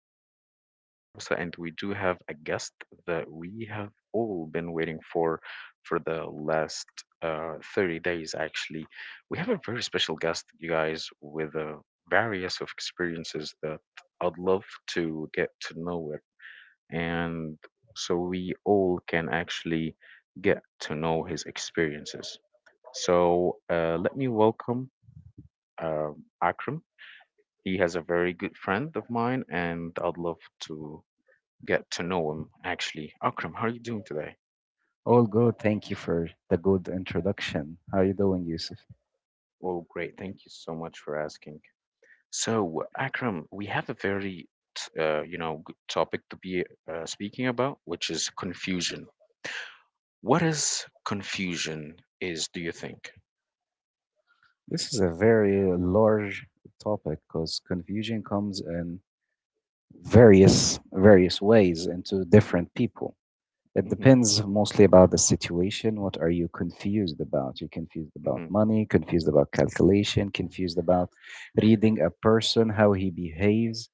It's a fully new episode, and we do have a guest that we have all been waiting for the last 30 days, actually. We have a very special guest, you guys, with various of experiences that I'd love to get to know it, and so we all can actually get to know his experiences. So let me welcome uh, Akram. He has a very good friend of mine, and I'd love to get to know him, actually. Akram, how are you doing today? All good. Thank you for the good introduction. How are you doing, Yusuf? Well, great. Thank you so much for asking. So, Akram, we have a very, good topic to be speaking about, which is confusion. What is confusion is, do you think? This is a very large topic because confusion comes in various ways into different people. It Mm-hmm, depends mostly about the situation. What are you confused about? You're confused about mm-hmm, money, confused about calculation, confused about reading a person, how he behaves,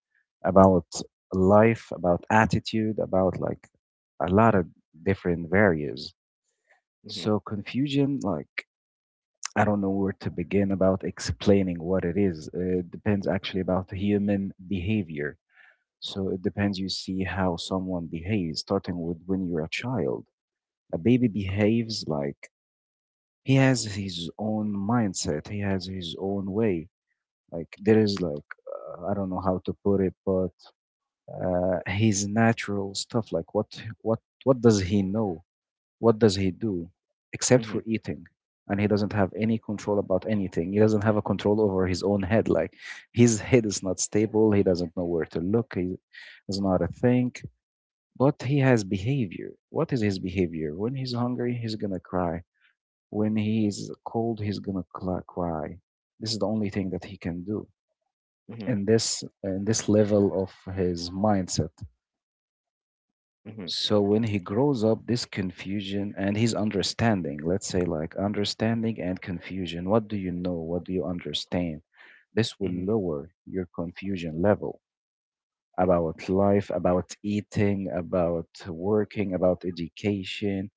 about life, about attitude, about like a lot of different variables. mm-hmm, So confusion, like, I don't know where to begin about explaining what it is. It depends actually about the human behavior. So it depends, you see how someone behaves, starting with when you're a child. A baby behaves like he has his own mindset, he has his own way. Like there is like I don't know how to put it, but his natural stuff. Like what what does he know? What does he do except mm-hmm, for eating? And he doesn't have any control about anything. He doesn't have a control over his own head. Like his head is not stable. He doesn't know where to look. He doesn't know how to think. But he has behavior. What is his behavior? When he's hungry, he's gonna cry. When he's cold, he's gonna cry. This is the only thing that he can do mm-hmm, in this level of his mindset. mm-hmm, So when he grows up, this confusion and his understanding, let's say like understanding and confusion, what do you know? What do you understand? This will mm-hmm. lower your confusion level about life, about eating, about working, about education,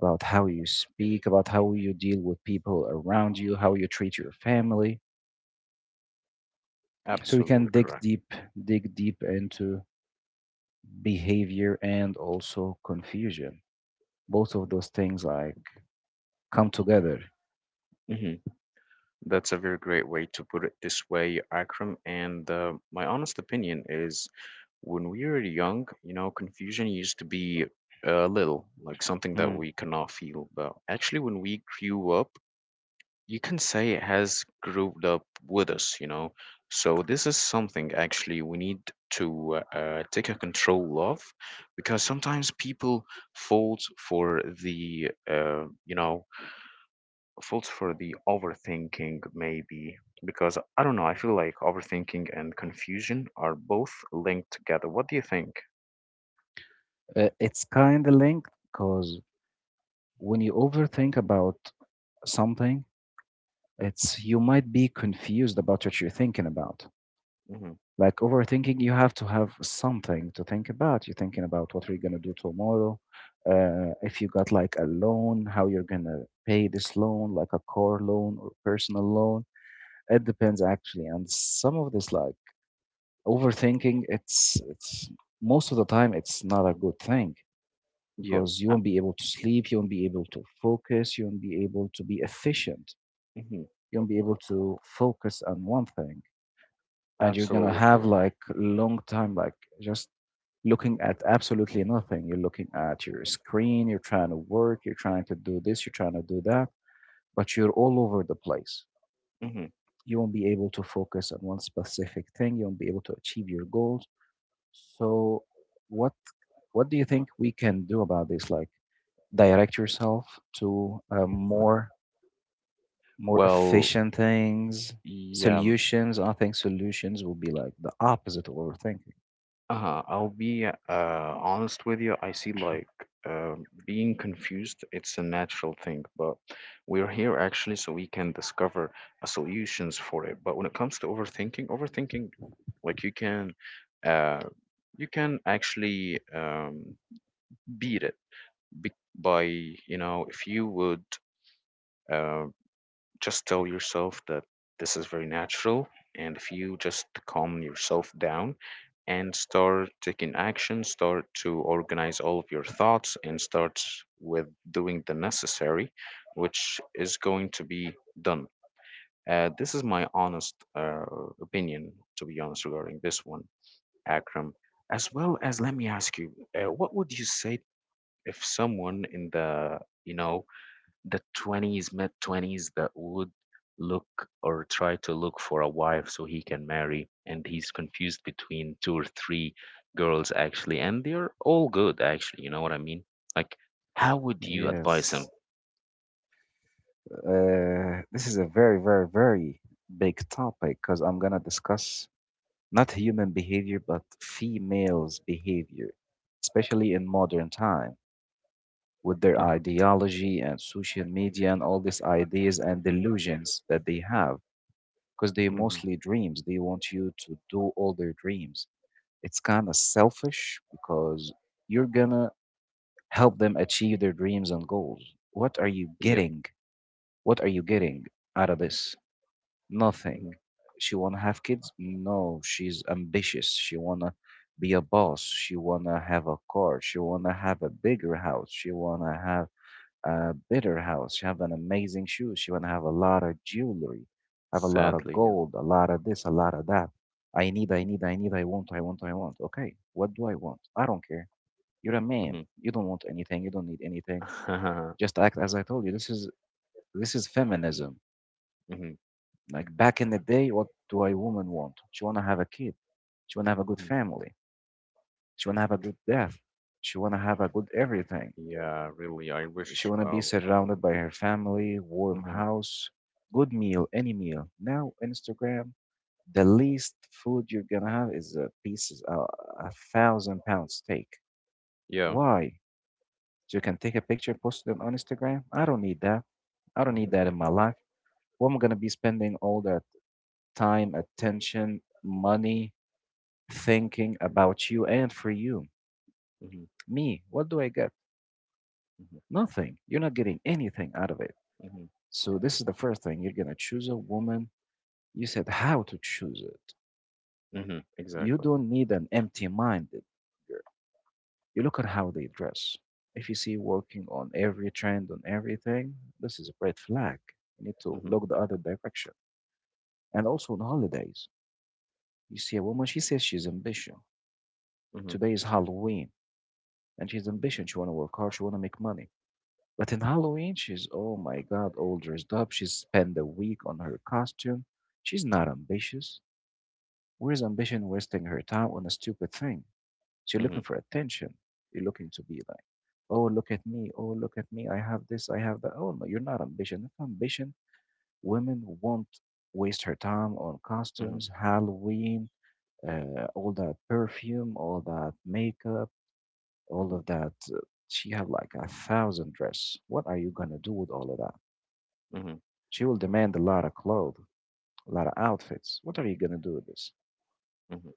about how you speak, about how you deal with people around you, how you treat your family. So we can Absolutely correct. Dig deep into behavior and also confusion, both of those things like come together. Mm-hmm. That's a very great way to put it this way, Akram. And my honest opinion is when we were young, confusion used to be a little like something that Mm. we cannot feel. But actually, when we grew up, you can say it has grouped up with us. So this is something actually we need to take a control of, because sometimes people fall for the, uh, you know, falls for the overthinking maybe because I don't know. I feel like overthinking and confusion are both linked together. What do you think? It's kind of linked because when you overthink about something, it's you might be confused about what you're thinking about. Mhm. Like overthinking, you have to have something to think about. You're thinking about what you're gonna do tomorrow, if you got like a loan, how you're gonna pay this loan, like a car loan or personal loan. It depends actually, and some of this like overthinking, it's most of the time it's not a good thing Yeah. because you a- won't be able to sleep, you won't be able to focus, you won't be able to be efficient, mhm. you won't be able to focus on one thing, and you're gonna Absolutely have correct. like long time like just looking at absolutely nothing. You're looking at your screen, you're trying to work, you're trying to do this, you're trying to do that, but you're all over the place. Hmm. You won't be able to focus on one specific thing, you won't be able to achieve your goals. So what what do you think we can do about this? Like W- direct yourself to a more Well, efficient things, yeah. Solutions. I think solutions will be like the opposite of overthinking. I'll be honest with you. I see like uh, being confused, it's a natural thing, but we're here actually so we can discover solutions for it. But when it comes to overthinking, overthinking, like uh, you can actually beat it by, if you would. uh, just tell yourself that this is very natural. And if you just calm yourself down and start taking action, start to organize all of your thoughts and start with doing the necessary, which is going to be done. This is my honest opinion, to be honest, regarding this one, Akram. As well as, let me ask you, what would you say if someone in you know, the 20s, mid 20s, that would look or try to look for a wife so he can marry. And he's confused between two or three girls, actually. And they're all good, actually. You know what I mean? Like, how would you advise Yes. him? This is a very, very, very big topic because I'm going to discuss not human behavior, but females' behavior, especially in modern time with their Uh, ideology and social media and all these ideas and delusions that they have, because they mhm, mostly dreams. They want you to do all their dreams. It's kind of selfish because you're gonna help them achieve their dreams and goals. What are you Yep. getting? What are you getting out of this? Nothing. Mhm. She wanna have kids? No, she's ambitious. She wanna be a boss. She wanna have a car. She wanna have a bigger house. She wanna have a better house. She have an amazing shoes. She wanna have a lot of jewelry, have a lot of Sadly, yeah. gold, a lot of this, a lot of that. I need, I need, I need, I want, I want, I want. Okay, what do I want? I don't care. You're a man. Mhm, You don't want anything. You don't need anything. mhm, Just act as I told you. This is feminism. mhm. Like back in the day, what do a woman want? She wanna have a kid. She wanna have a good family. She wanna have a good death. She wanna have a good everything. Yeah, really. I She wish. want to be Uh, surrounded by her family, warm hmm house, good meal, any meal. Now, Instagram, the least food you're gonna have is a piece, £1,000 steak. Yeah. Why? So you can take a picture, post it on Instagram. I don't need that. I don't need Hmm. that in my life. What am I gonna be spending all that time, attention, money, thinking about you and for you? Hmm. Me, what do I get? Nothing. You're not getting anything out of it. Hmm. So this is the first thing. You're gonna choose a woman. You said how to choose it. Hmm. You Exactly. don't need an empty minded girl. You look at how they dress. If you see working on every trend, on everything, this is a red flag. You need to Mm-hmm. look the other direction. And also on holidays, you see a woman, she says she's ambition. Hmm. Today is Halloween, and she's ambition. She want to work hard, she want to make money. But in Halloween, she's, oh my God, all dressed up. She spent a week on her costume. She's not ambitious. Where's ambition wasting her time on a stupid thing? So you're looking Hmm. for attention. You're looking to be like, oh, look at me. Oh, look at me. I have this. I have that. Oh, no, you're not ambition. If ambition, women won't waste her time on Hmm. costumes, Halloween, all that perfume, all that makeup, all of that. She have like a thousand dress. What are you gonna do with all of that? Hmm. She will demand a lot of clothes, a lot of outfits. What are you gonna do with this? Hmm.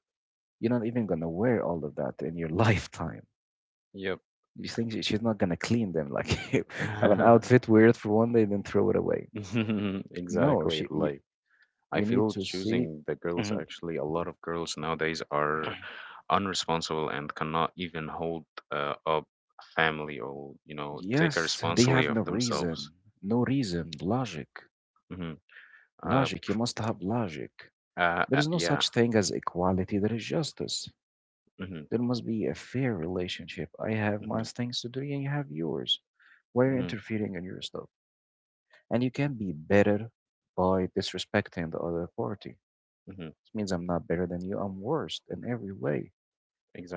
You're not even gonna wear all of that in your lifetime. Yep. You think she's not gonna clean them? Like, I have an outfit, wear it for one day, then throw it away. No, Exactly. she. You, Like, I you need feel to see. choosing the girls, Mhm. actually, a lot of girls nowadays are unresponsible and cannot even hold up a family or, take a Yes, they responsibility have no of themselves. reason. No reason. Logic. Hmm. Uh, Logic. You must have logic. There is no yeah. such thing as equality. There is justice. Hmm. There must be a fair relationship. I have my Hmm. things to do and you have yours. Why are you Hmm. interfering in your stuff? And you can be better by disrespecting the other party, Hmm. means I'm not better than you. I'm worse in every way.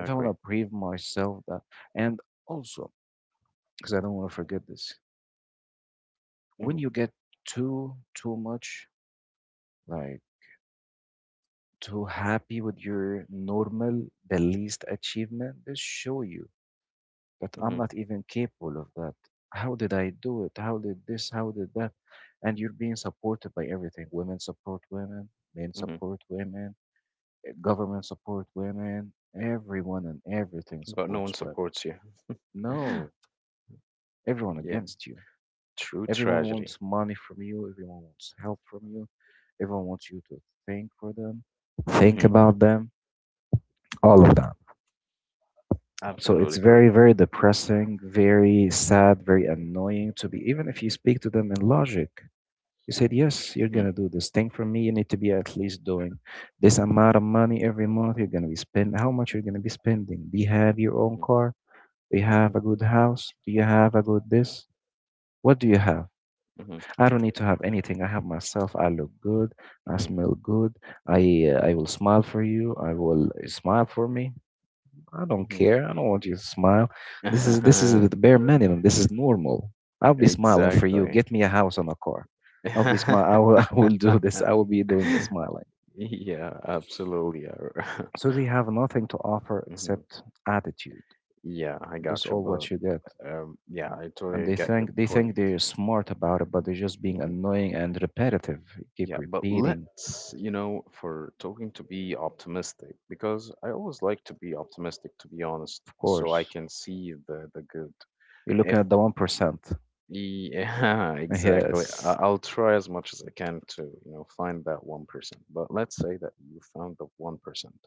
If I want to prove myself that, and also, because I don't want to forget this, when Hmm. you get too much like too happy with your normal, the least achievement, they show you that I'm Hmm. not even capable of that. How did I do it? How did this? How did that? And you're being supported by everything. Women support women. Men Hmm. support women. Government support women. Everyone and everything But no one supports women. supports you. No, everyone Yeah. against you. True Everyone tragedy. wants money from you. Everyone wants help from you. Everyone wants you to think for them, think Hmm. about them, all of that. So it's Absolutely very, correct. very depressing, very sad, very annoying to be, even if you speak to them in logic. You said, yes, you're Hmm. going to do this thing for me. You need to be at least doing this amount of money every month. You're going to be spending, how much you're going to be spending? Do you have your own Hmm. car? Do you Hmm. have a good house? Do you have a good this? What do you have? I don't need to have anything. I have myself. I look good. I Hmm. smell good. I I will smile for you. I will you smile for me. I don't Hmm. care. I don't want you to smile. This is the bare minimum. This is normal. I'll be smiling for you. Exactly. Get me a house and a car. I'll be smile. I will, I will do this. I will be doing the smiling. Yeah, absolutely. So they have nothing to offer Mhm. except attitude. Yeah, I That's got you, all but what you get. Yeah, I And totally they get your think they think point. they're smart about it, but they're just being Hmm. annoying and repetitive. Keep Yeah, but repeating, let's, for talking to be optimistic, because I always like to be optimistic, to be honest, of so I course. can see the good. You're looking If at the 1%. Yeah, exactly. Yes. I'll try as much as I can to, find that 1%. But let's say that you found the 1%,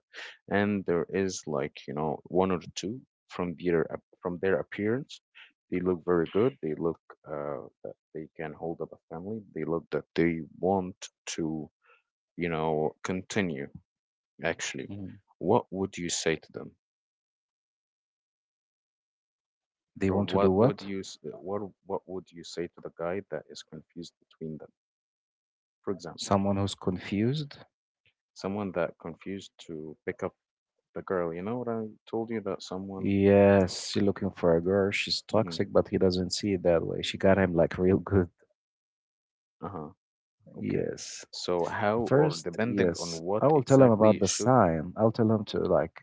and there is like, one or two from their appearance. They look very good. They look that they can hold up a family. They look that they want to, continue actually. Mhm. What would you say to them? They Or want to do what would what? you s- what what would you say to the guy that is confused between them, for example? Someone who's confused? Someone that confused to pick up the girl. You know what I told you that someone wanted. Yes, she's looking for a girl. She's Mm-hmm. toxic, but he doesn't see it that way. She got him like real good. Uh-huh. Okay. Yes. So how or First, depending on yes, what I will tell him about exactly the should. sign. I'll tell him to like,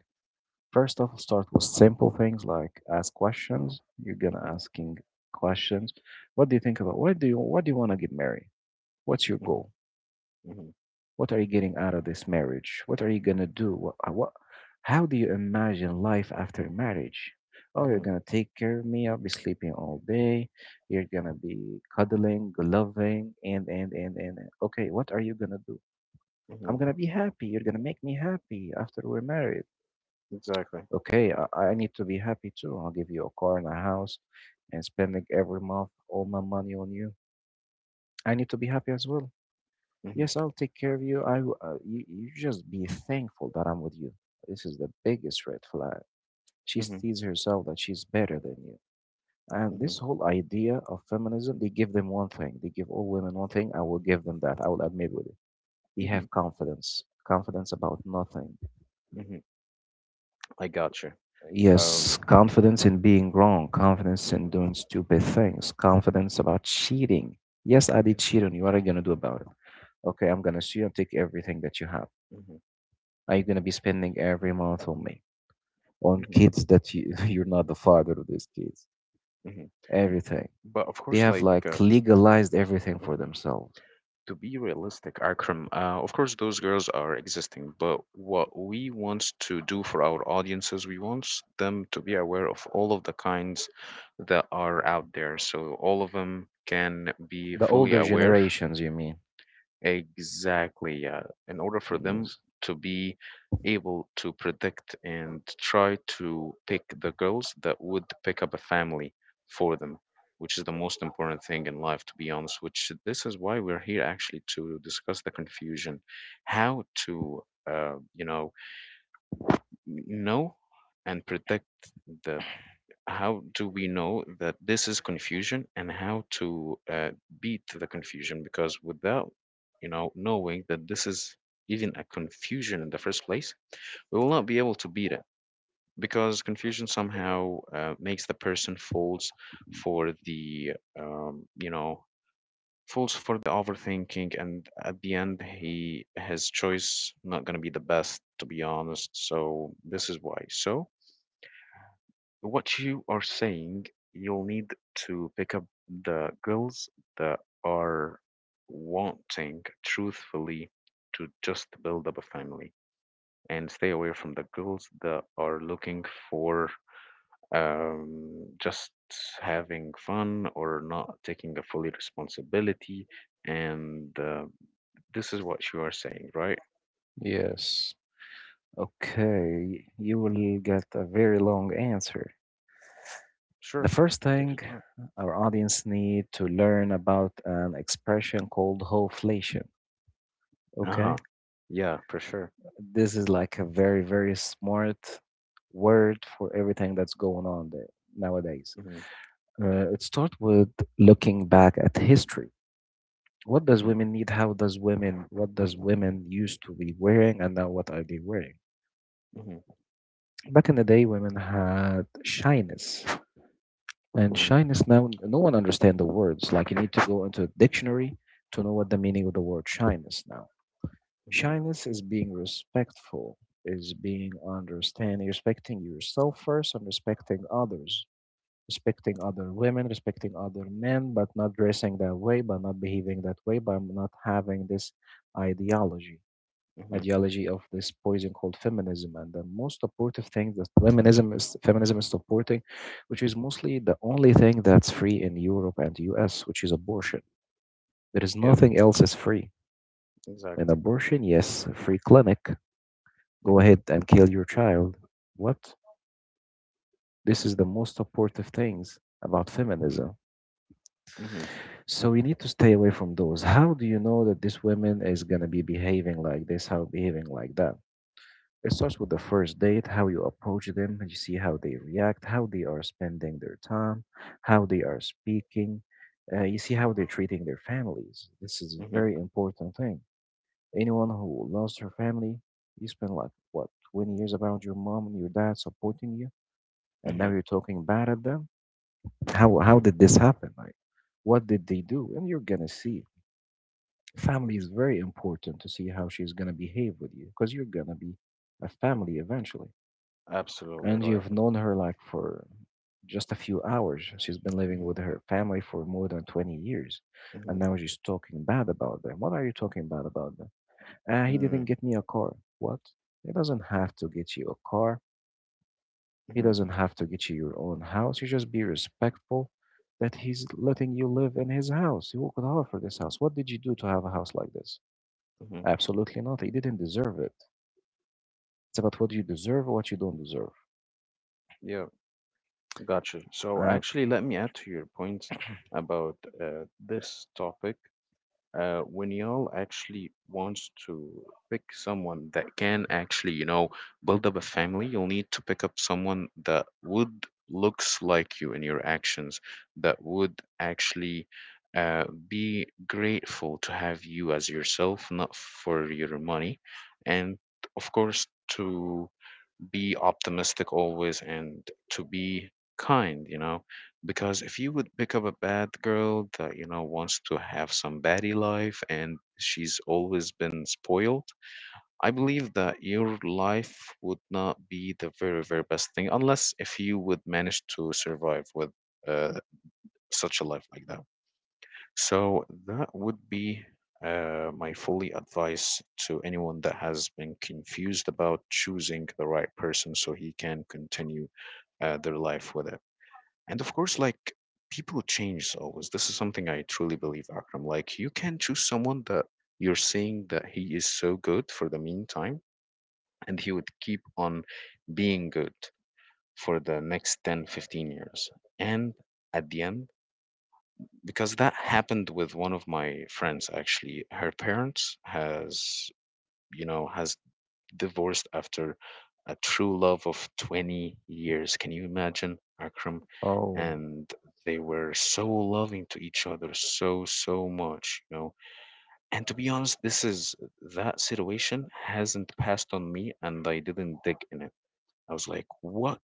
first off, start with simple things like ask questions. You're gonna Mm-hmm. asking questions. What do you think about? Why do you want to get married? What's your Mm-hmm. goal? Mm-hmm. What are you getting out of this marriage? What are you gonna do? What, how do you imagine life after marriage? Oh, you're Mm-hmm. gonna take care of me. I'll be sleeping all day. You're gonna be cuddling, loving, and and. And." Okay, what are you gonna do? Mm-hmm. I'm gonna be happy. You're gonna make me happy after we're married. Exactly. Okay, I need to be happy too. I'll give you a car and a house, and spending every month all my money on you. I need to be happy as well. Mm-hmm. Yes, I'll take care of you. You just be thankful that I'm with you. This is the biggest red flag. She Mm-hmm. sees herself that she's better than you. And Mm-hmm. this whole idea of feminism, they give them one thing. They give all women one thing. I will give them that. I will admit with it. They Mm-hmm. have confidence. Confidence about nothing. Mm-hmm. I gotcha. Um. Yes, confidence in being wrong. Confidence in doing stupid things. Confidence about cheating. Yes, I did Mm-hmm. cheat on you. What are you going to do about it? Okay, I'm going to sue you and take everything that you have. Mm-hmm. Are you gonna be spending every month on me, on Mm-hmm. kids that you you're not the father of these kids, Mm-hmm. everything? But of They course, have like. like legalized everything Uh, for themselves. to be realistic, Akram, of course, those girls are existing, but what we want to do for our audiences, we want them to be aware of all of the kinds that are out there. So all of them can be The fully older aware. generations, you mean? Exactly, yeah. In order for them Yes. to be able to predict and try to pick the girls that would pick up a family for them, which is the most important thing in life, to be honest, which this is why we're here actually to discuss the confusion, how to, uh, you know, know and predict the how do we know that this is confusion, and how to beat the confusion, because without knowing that this is even a confusion in the first place we will not be able to beat it, because confusion somehow makes the person for the um, you know falls for the overthinking, and at the end he his choice not going to be the best, to be honest. So this is why, so what you are saying, you'll need to pick up the girls that are wanting truthfully to just build up a family, and stay away from the girls that are looking for just having fun or not taking a fully responsibility. And this is what you are saying, right? Yes. Okay, you will get a very long answer. The Sure, first take thing, your time. our audience need to learn about an expression called hoflation. Okay. Uh-huh. Yeah, for sure. This is like a very, very smart word for everything that's going on there nowadays. Mm-hmm. It starts with looking back at history. What does Mm-hmm. women need? How does women? What does women used to be wearing, and now what are they wearing? Mm-hmm. Back in the day, women had shyness, and Mm-hmm. shyness now no one understands the words. Like, you need to go into a dictionary to know what the meaning of the word shyness now. Mm-hmm. Shyness is being respectful, is being understanding, respecting yourself first and respecting others, respecting other women, respecting other men, but not dressing that way, by not behaving that way, by not having this ideology, ideology of this poison called feminism. And the most supportive thing that feminism is supporting, which is mostly the only thing that's free in Europe and US, which is abortion. There is Yep, nothing else is free. An exactly. abortion, yes, a free clinic. Go Mhm, ahead and kill your child. What? This is the most supportive things about feminism. mhm, So you need to stay away from those. How do you know that this woman is gonna be behaving like this, how behaving like that? It starts with the first date, how you approach them, and you see how they react, how they are spending their time, how they are speaking. You see how they're treating their families. This is a mhm, very important thing. Anyone who lost her family, you spend like, what, 20 years around your mom and your dad supporting you, and now mhm, you're talking bad at them. How mhm. did this happen? Like, what did they do? And you're gonna see, family is very important to see how she's gonna behave with you, because you're gonna be a family eventually. Absolutely And right. you've known her like for just a few hours. She's been living Mhm, with her family for more than 20 years, and mhm, now she's talking bad about them. What are you talking bad about them? He didn't mm, get me a car. What? He doesn't have to get you a car. He mhm, doesn't have to get you your own house. You just be respectful that he's letting you live in his house. You could offer this house. What did you do to have a house like this? mhm. Absolutely not. He didn't deserve it. It's about what you deserve, or what you don't deserve. Yeah, gotcha. So Uh, actually, let me add to your points about this topic. When y'all actually wants to pick someone that can actually, build up a family, you'll need to pick up someone that would looks like you in your actions, that would actually uh, be grateful to have you as yourself, not for your money, and of course to be optimistic always and to be kind, because if you would pick up a bad girl that you know wants to have some baddie life and she's always been spoiled, I believe that your life would not be the very very best thing, unless if you would manage to survive with uh, such a life like that. So that would be my fully advice to anyone that has been confused about choosing the right person so he can continue their life with it. And of course, like people change always. This is something I truly believe, Akram. Like you can choose someone that you're seeing that he is so good for the meantime, and he would keep on being good for the next 10, 15 years. And at the end, because that happened with one of my friends, actually her parents has you know has divorced after a true love of 20 years. Can you imagine, Akram? And they were so loving to each other so so much. And to be honest, this is that situation hasn't passed on me and I didn't dig in it. I was like, what?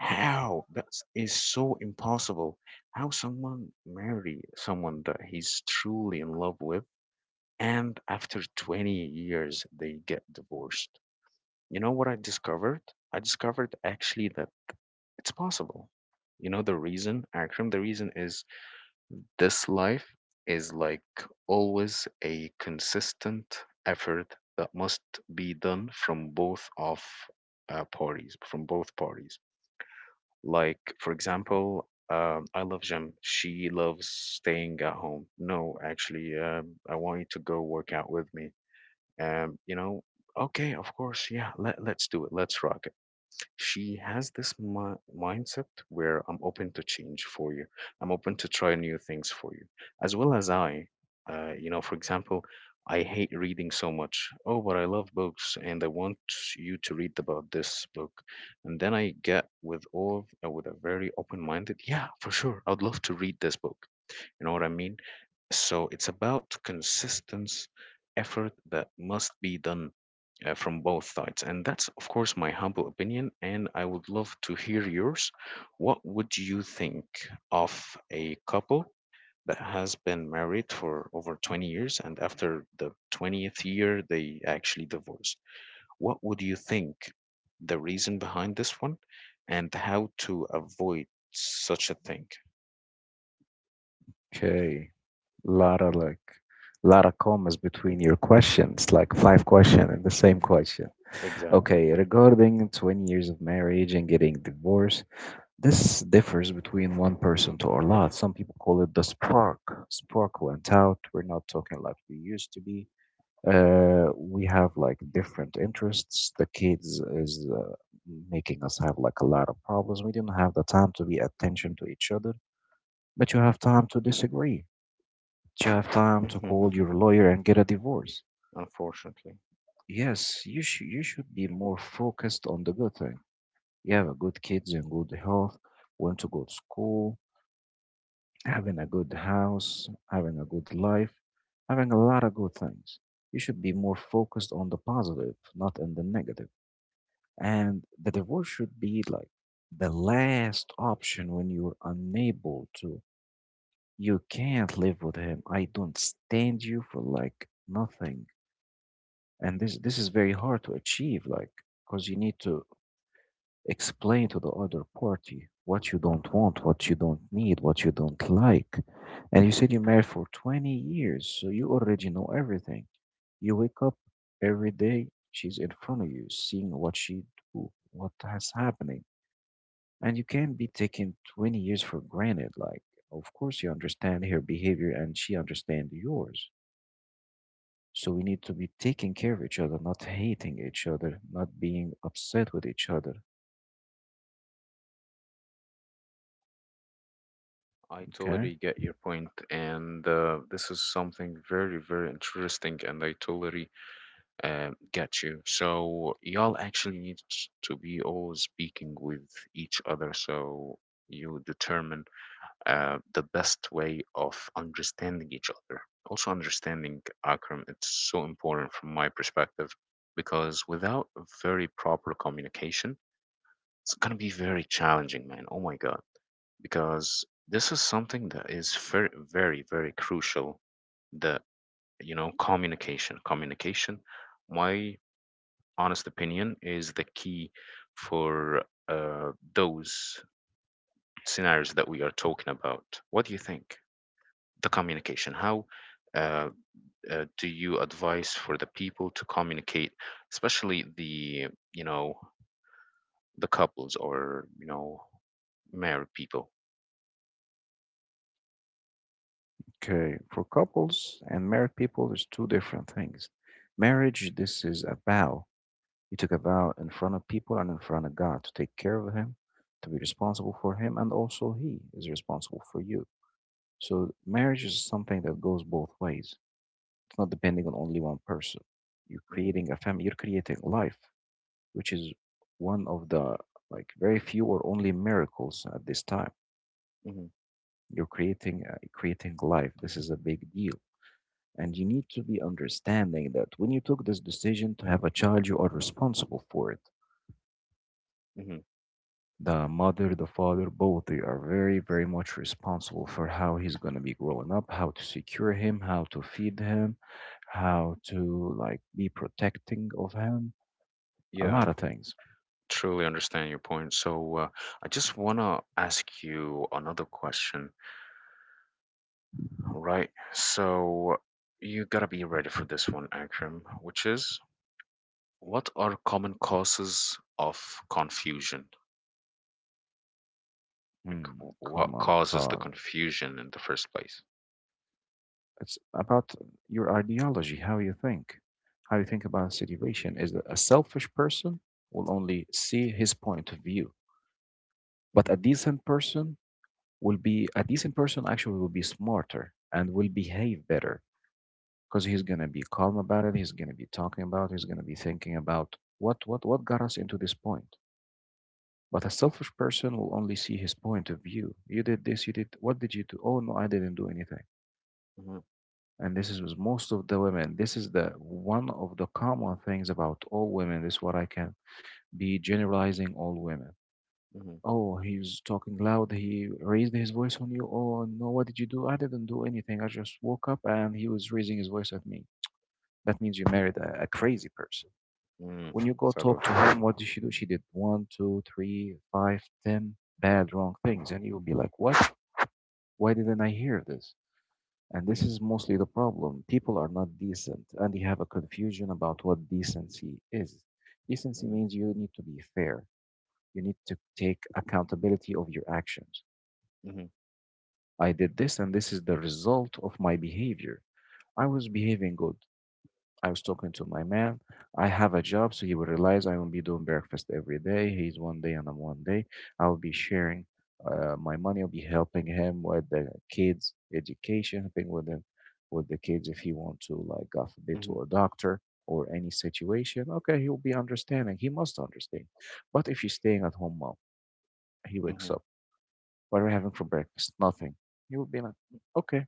How? That is so impossible. How someone marry someone that he's truly in love with, and after 20 years they get divorced. You know what I discovered? I discovered actually that it's possible. You know the reason, Akram? The reason is this life is like always a consistent effort that must be done from both parties. Like, for example, I love gym. She loves staying at home. No, actually, I want you to go work out with me. Um, you know, okay, of course, yeah, let's do it. Let's rock it. She has this mindset where I'm open to change for you. I'm open to try new things for you, as well as I. For example, I hate reading so much. Oh, but I love books, and I want you to read about this book. And then I get with all with a very open minded. Yeah, for sure, I'd love to read this book. You know what I mean? So it's about consistent effort that must be done from both sides. And that's, of course, my humble opinion. And I would love to hear yours. What would you think of a couple that has been married for over 20 years and after the 20th year they actually divorce? What would you think the reason behind this one and how to avoid such a thing? okay. Lot of like, lot of commas between your questions, like five questions and the same question. Exactly. Okay, regarding 20 years of marriage and getting divorced, this differs between one person to a lot. Some people call it the spark. Spark went out. We're not talking like we used to be. We have like different interests. The kids is making us have like a lot of problems. We didn't have the time to be attention to each other, but you have time to disagree. You have time to call your lawyer and get a divorce. Unfortunately, Yes, you should be more focused on the good thing. You have a good kids and good health. Went to go to school, having a good house, having a good life, having a lot of good things. You should be more focused on the positive, not in the negative. And the divorce should be like the last option when you're unable to. You can't live with him. I don't stand you for like nothing. And this is very hard to achieve, like, because you need to explain to the other party what you don't want, what you don't need, what you don't like. And you said you're married for 20 years, so you already know everything. You wake up every day, she's in front of you, seeing what she do, what has happening. And you can't be taking 20 years for granted. Like, of course, you understand her behavior and she understand yours. So we need to be taking care of each other, not hating each other, not being upset with each other. I Okay? totally get your point, and this is something very, very interesting, and I totally get you. So y'all actually need to be always speaking with each other, so you determine the best way of understanding each other. Also, understanding Akram, it's so important from my perspective because without a very proper communication, it's gonna be very challenging, man. Oh my God. Because this is something that is very, very, very crucial that, communication. Communication, my honest opinion, is the key for those scenarios that we are talking about. What do you think? The communication. How uh, do you advise for the people to communicate, especially the you know the couples or married people? Okay, for couples and married people, there's two different things. Marriage, this is a vow. You took a vow in front of people and in front of God to take care of Him, to be responsible for Him, and also He is responsible for you. So, marriage is something that goes both ways. It's not depending on only one person. You're Hmm. creating a family, you're creating life, which is one of the like very few or only miracles at this time. Hmm. You're creating creating life. This is a big deal. And you need to be understanding that when you took this decision to have a child, you are responsible for it. Hmm. The mother, the father, both they are very, very much responsible for how he's going to be growing up, how to secure him, how to feed him, how to like be protecting of him, a Yeah, lot of things. truly understand your point. So, I just want to ask you another question, right? So, you gotta be ready for this one, Akram, which is, what are common causes of confusion? Like, Hmm, come what on, causes the Carl. confusion in the first place? It's about your ideology, how you think about a situation. Is that a selfish person will only see his point of view, but Mm-hmm. a decent person will be a decent person, actually will be smarter and will behave better, because he's going to be calm about it, he's going to be talking about it, he's going to be thinking about what what got us into this point. But a selfish person will only see his point of view. You did this, you did, what did you do? Oh no, I didn't do anything. Mm-hmm. And this is with most of the women. This is the one of the common things about all women. This is what I can be generalizing all women. Mm-hmm. Oh, he was talking loud. He raised his voice on you. Oh, no, what did you do? I didn't do anything. I just woke up and he was raising his voice at me. That means you married a crazy person. Mm. When you go Sadly. talk to him, what did she do? She did one, two, three, five, ten bad, wrong things. And you'll be like, what? Why didn't I hear this? And this Mm-hmm. is mostly the problem. People are not decent and they have a confusion about what decency is. Decency Mm-hmm. means you need to be fair, you need to take accountability of your actions. Mm-hmm. I did this, and this is the result of my behavior. I was behaving good. I was talking to my man. I have a job, so he will realize I will not be doing breakfast every day. He's one day, and I'm one day. I will be sharing my money. I'll be helping him with the kids' education, helping with him with the kids if he want to, like, God forbid, Mm-hmm. to a doctor or any situation. Okay, he'll be understanding. He must understand. But if she's staying at home, mom, he wakes Mm-hmm. up. What are we having for breakfast? Nothing. He will be like, "Mm, okay.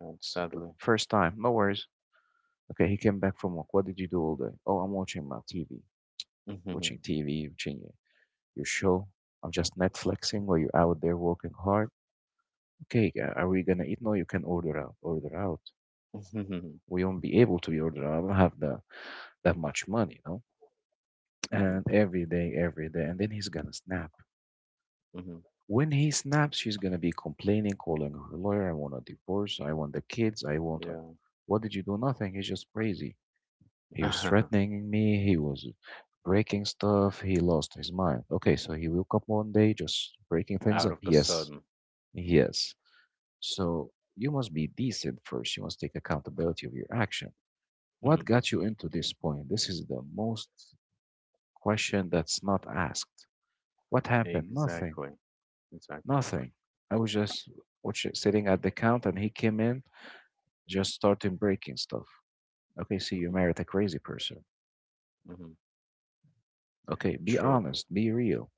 It's the Sadly. first time. No worries." Okay, he came back from work. What did you do all day? Oh, I'm watching my TV, watching TV, watching your show. I'm just Netflixing while you're out there working hard. Okay, are we gonna eat? No, you can order out. Order out. Mm-hmm. Mm-hmm. We won't be able to be order out. I don't have the that much money, you know. Mm-hmm. And every day, and then he's gonna snap. When he snaps, she's gonna be complaining, calling her lawyer. I want a divorce. I want the kids. I want. A... Mm-hmm. What did you do? Nothing. He's just crazy. He was Yeah. threatening me. He was breaking stuff. He lost his mind. Okay, so he woke up one day just breaking things Out up. of the Yes, sudden. yes. So you must be decent first. You must take accountability of your action. What got you into this point? This is the most question that's not asked. What happened? Nothing. Exactly. Exactly. Nothing. I was just sitting at the count and he came in, just starting breaking stuff. Okay, see, you Hmm. married a crazy person. Hmm. Okay, be True. honest, be real.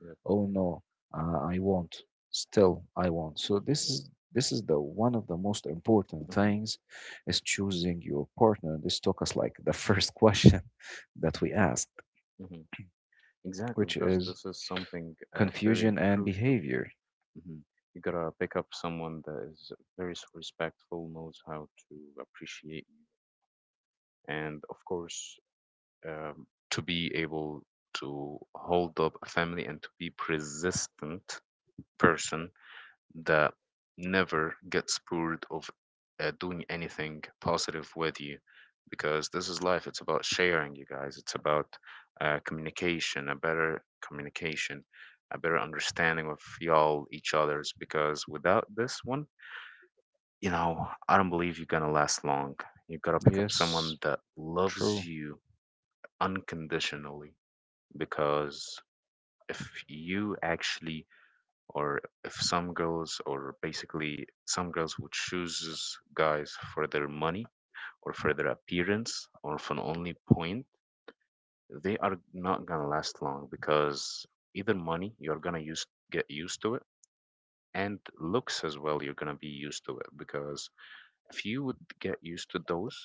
Yep. Oh no. I won't. Still I won't. So this is the one of the most important Hmm. things is choosing your partner. This took us like the first question that we asked, Hmm. Exactly, which because is this is something very confusion and crucial. behavior. Hmm. You gotta pick up someone that is very respectful, knows how to appreciate you, and of course, to be able to hold up a family and to be persistent person that never gets bored of doing anything positive with you, because this is life. It's about sharing, you guys. It's about communication, a better understanding of y'all, each other's. Because without this one, I don't believe you're gonna last long. You gotta pick up someone Yes, that loves true. you unconditionally, because if you actually, or if some girls, or basically some girls would choose guys for their money or for their appearance or for an only point, they are not gonna last long, because either money, you're gonna use, get used to it, and looks as well, you're gonna be used to it, because if you would get used to those,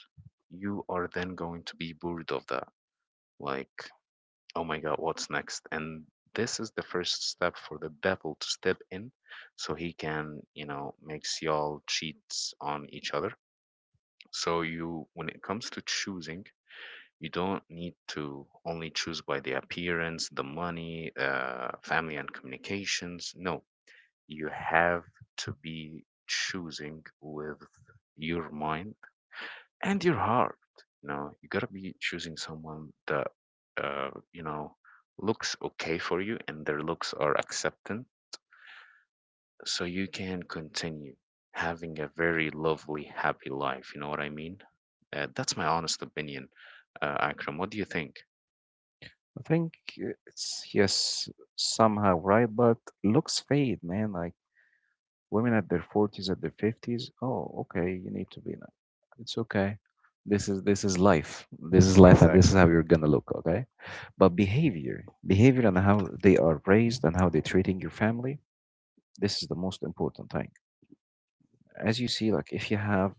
you are then going to be bored of that, like, oh my God, what's next? And this is the first step for the devil to step in, so he can, makes y'all cheat on each other. So you, when it comes to choosing, you don't need to only choose by the appearance, the money, family and communications. No, you have to be choosing with your mind and your heart. You gotta be choosing someone that, uh, you know, looks okay for you and their looks are accepting, so you can continue having a very lovely, happy life. You know what I mean? That's my honest opinion, Akram. What do you think? I think it's, yes, somehow right, but looks fade, man. I, women at their forties, at their fifties, oh okay, you need to be nice. It's okay, this is life this is life, and this is Exactly. how you're gonna look. Okay, but behavior and how they are raised and how they're treating your family, this is the most important thing. As you see, like, if you have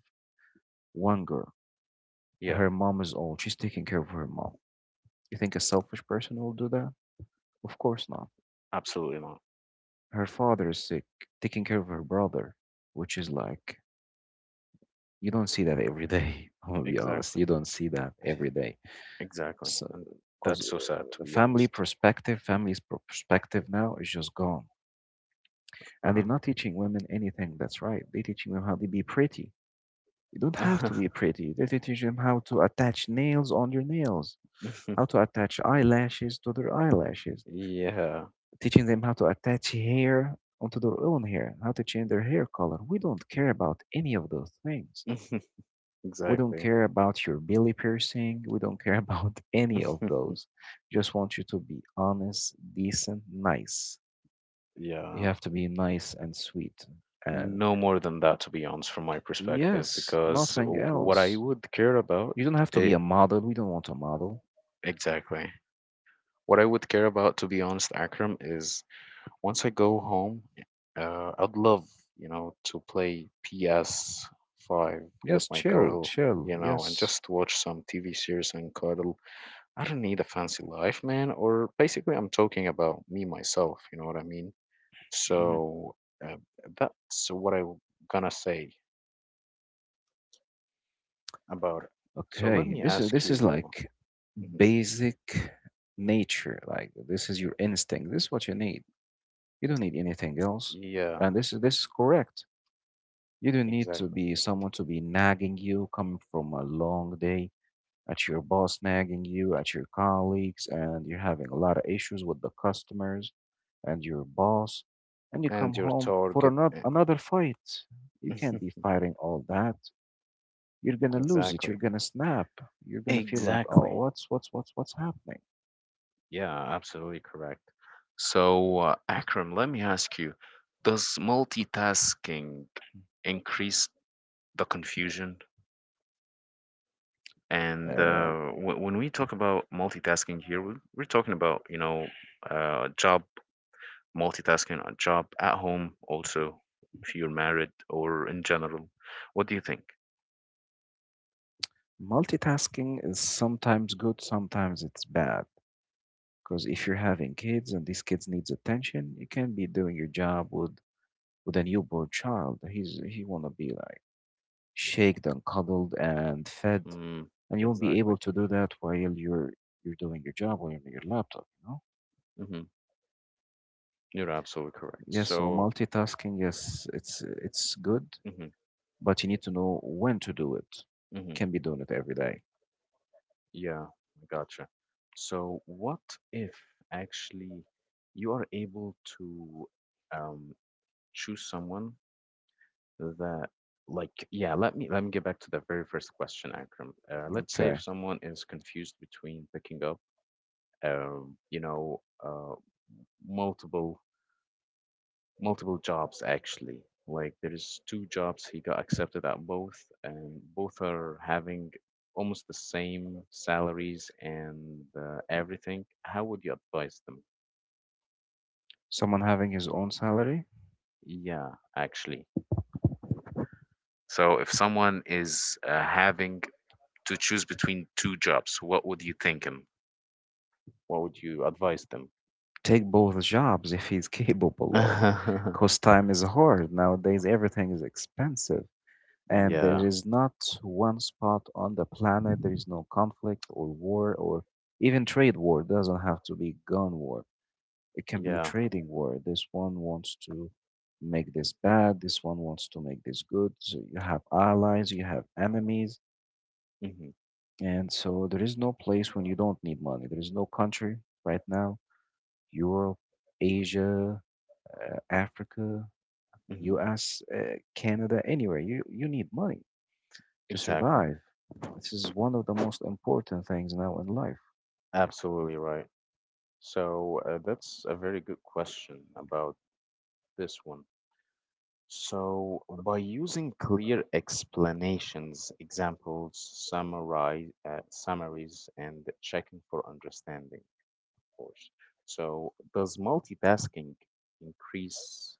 one girl, Yeah, her mom is old, she's taking care of her mom. You think a selfish person will do that? Of course not. absolutely not. Her father is sick, taking care of her brother, which is like, you don't see that every day. I'm gonna be honest. Exactly. You don't see that every day. Exactly. So, And because that's so sad, to the be family honest. perspective, perspective now is just gone, and they're not teaching women anything that's right. They're teaching them how to be pretty. You don't have Uh-huh. to be pretty. They're teaching them how to attach nails on your nails, how to attach eyelashes to their eyelashes, Yeah. teaching them how to attach hair onto their own hair, how to change their hair color. We don't care about any of those things. We don't Exactly. care about your belly piercing. We don't care about any of those. Just want you to be honest, decent, nice. You Yeah. have to be nice and sweet. And No more than that, to be honest, from my perspective, yes, because nothing what I else. would care about You don't have to be a it, model. We don't want a model. exactly. What I would care about, to be honest, Akram, is, once I go home, I'd love, to play PS5 with Yes, my chill, girl, chill. And Yes. just watch some TV series and cuddle. I don't need a fancy life, man, or basically, I'm talking about me myself, you know what I mean? Mhm. So, uh, that's what I'm gonna say about it. So let Okay. me This is ask you. like Mhm. basic nature. Like this is your instinct. This is what you need. You don't need anything else. Yeah, And this is correct. You don't need to exactly. be someone to be nagging you, coming from a long day, at your boss nagging you, at your colleagues, and you're having a lot of issues with the customers and your boss, and you come And your home for target. another fight. You can't be fighting all that. You're gonna lose it. You're Exactly. gonna snap. You're gonna feel like, oh, Exactly. what's happening? Yeah, absolutely correct. So, Akram, let me ask you, does multitasking increase the confusion? And Uh, when we talk about multitasking here, we're talking about, job multitasking, a job at home also if you're married, or in general, what do you think? Multitasking is sometimes good, sometimes it's bad, because if you're having kids and these kids needs attention, you can't be doing your job with a newborn child. He wanna be like shaked and cuddled and fed, Mm, and you won't be exactly. able to do that while you're doing your job or on your laptop. You know. Hmm. You're absolutely correct. Yes. So So, multitasking, yes, it's good, hmm. but you need to know when to do it. Hmm. Can be doing it every day. Yeah, I gotcha. So, what if actually you are able to um, choose someone that, like, yeah, let me get back to the very first question, Akram. Let's say Okay. if someone is confused between picking up, um, you know, uh, multiple multiple jobs, actually. Like there's two jobs he got accepted at both, and both are having almost the same salaries and everything. How would you advise them? Someone having his own salary, Yeah, actually. So if someone is having to choose between two jobs, what would you think him? What would you advise them? take both jobs if he's capable of, because time is hard nowadays. Everything is expensive. And there Yeah, is not one spot on the planet there is no conflict or war or even trade war. Doesn't have to be gun war. It can be yeah. trading war. This one wants to make this bad. This one wants to make this good. So you have allies, you have enemies. Hmm. And so there is no place when you don't need money. There is no country right now, Europe, Asia, Africa, Hmm. US, Canada, anywhere. You need money to Exactly. survive. This is one of the most important things now in life. Absolutely right. So, that's a very good question about this one. So, by using clear explanations, examples, summaries, and checking for understanding, of course. So, does multitasking increase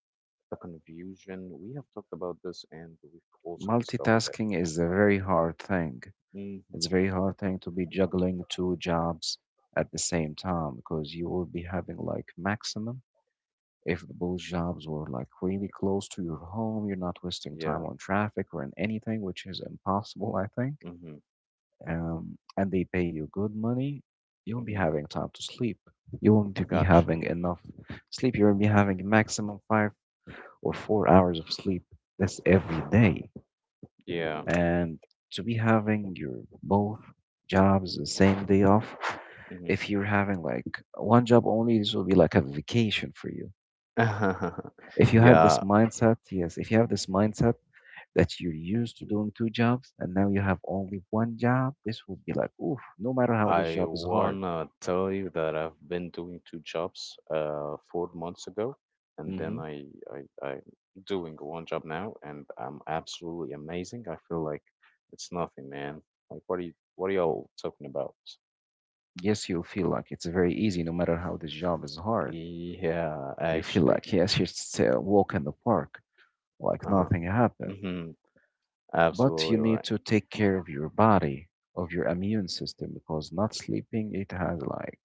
the confusion? We have talked about this, and we've also discovered that. Multitasking is a very hard thing. Hmm. It's a very hard thing to be juggling two jobs at the same time, because you will be having like maximum, if both jobs were like really close to your home. You're not wasting time Yeah. on traffic or in anything, which is impossible, I think. Mm-hmm. And they pay you good money. You won't be Mm-hmm. having time to sleep. You won't be Gotcha. having enough sleep. You won't be having maximum 5 or 4 hours of sleep. That's every day. Yeah. And to be having your both jobs the same day off, Mm-hmm. if you're having like one job only, this will be like a vacation for you. If you had this Yeah, mindset, yes, if you have this mindset that you're used to doing two jobs and now you have only one job, this will be like, oof, no matter how this I job is hard. wanna tell you that I've been doing two jobs 4 months ago, and then Hmm. I'm doing one job now, and I'm absolutely amazing. I feel like it's nothing, man. Like, what are y'all talking about? Yes, you'll feel like it's very easy, no matter how this job is hard. Yeah, You feel actually. like, yes, you just walk in the park like Uh-huh. nothing happened. Mm-hmm. But you Absolutely need right. to take care of your body, of your immune system, because not sleeping, it has like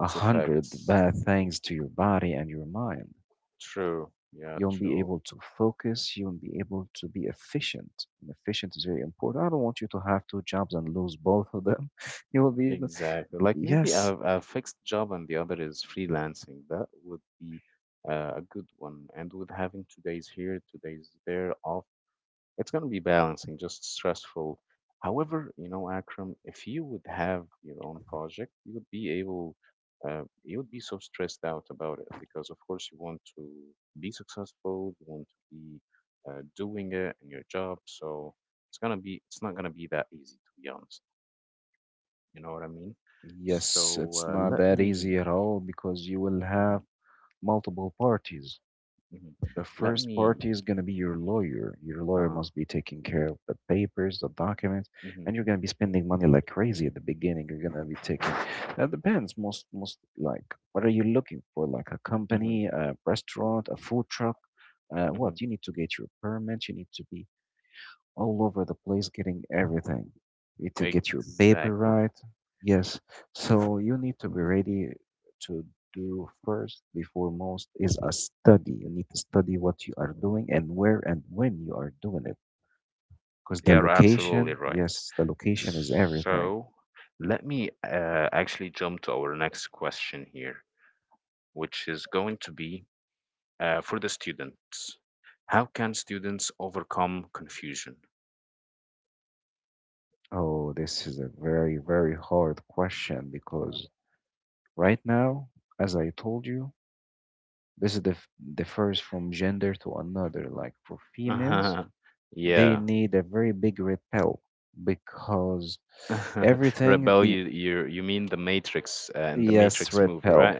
a hundred effects. bad things to your body and your mind. True. Yeah, You won't be true. able to focus, you won't be able to be efficient. And efficient is very important. I don't want you to have two jobs and lose both of them. You will be, the- Exactly. Like, maybe a, yes. a fixed job and the other is freelancing. That would be a good one. And with having 2 days here, 2 days there off, it's going to be balancing, just stressful. However, Akram, if you would have your own project, you would be able, you would be so stressed out about it because, of course, you want to be successful, you want to be doing it in your job. So it's not gonna be that easy, to be honest. You know what I mean? Yes, So, it's not let that easy me, at all because you will mhm, have multiple parties. mhm, The let first me, party is going to be your lawyer. Your lawyer uh-huh, must be taking care of the papers, the documents, mhm, and you're going to be spending money like crazy at the beginning. You're going to be taking. That depends. Most like, what are you looking for? Like a mhm, company, a restaurant, a food truck. Mhm. What you need to get your permit. You need to be all over the place getting everything. You need to get your paper Exactly. right. Yes. So you need to be ready to do first before most is a study. You need to study what you are doing and where and when you are doing it. Because the You're absolutely location, right. yes, the location is everything. So let me actually jump to our next question here, which is going to be for the students. How can students overcome confusion? Oh, this is a very, very hard question because right now, as I told you, this is the, f- differs from gender to another. Like for females, they Yeah. need a very big red pill, because everything Rebel, the, you mean the Matrix, and the yes, Matrix red movie, pill, right?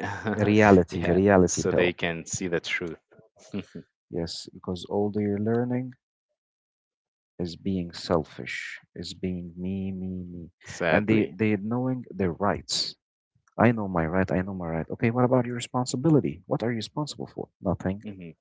reality, Yeah, reality so they pill. can see the truth. Yes, because all they're learning is being selfish, is being me. And they Sadly. they knowing their rights. I know my right, I know my right. Okay, what about your responsibility? What are you responsible for? Nothing. Hmm.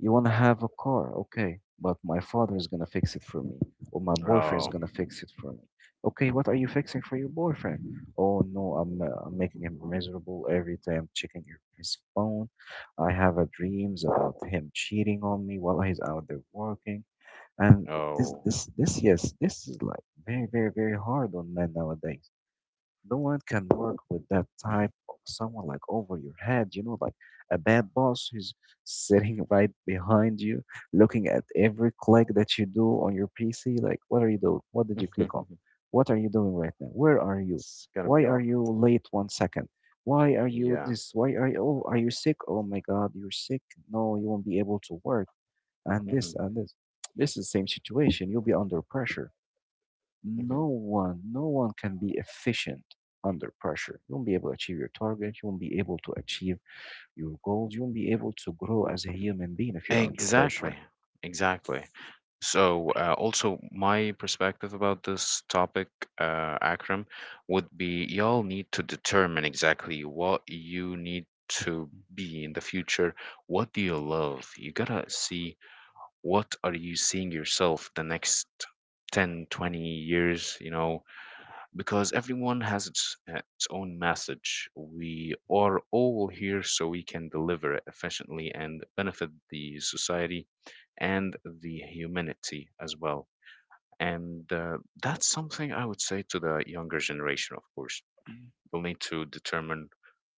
You want to have a car, okay, but my father is gonna fix it for me, or my boyfriend is Oh, gonna fix it for me. Okay, what are you fixing for your boyfriend? Oh no, I'm making him miserable every day. His phone. I have a dreams about him cheating on me while he's out there working. And this oh, this this yes, this is like very hard on men nowadays. No one can work with that type of someone like over your head, you know, like a bad boss who's sitting right behind you, looking at every click that you do on your PC. Like, what are you doing? What did you it's click on? What are you doing right now? Where are you? gonna be Why are awful. you late 1 second? Why are you Yeah. this? Why are you? Oh, are you sick? Oh my God, you're sick. No, you won't be able to work. And this Hmm. and this. This is the same situation. You'll be under pressure. Hmm. No one can be efficient under pressure. You won't be able to achieve your target. You won't be able to achieve your goals. You won't be able to grow as a human being if you're under pressure. Exactly, exactly. So, also, my perspective about this topic, Akram, would be, y'all need to determine exactly what you need to be in the future. What do you love? You gotta see what are you seeing yourself the next 10, 20 years, because everyone has its own message. We are all here so we can deliver it efficiently and benefit the society and the humanity as well. And that's something I would say to the younger generation, of course. You'll need to determine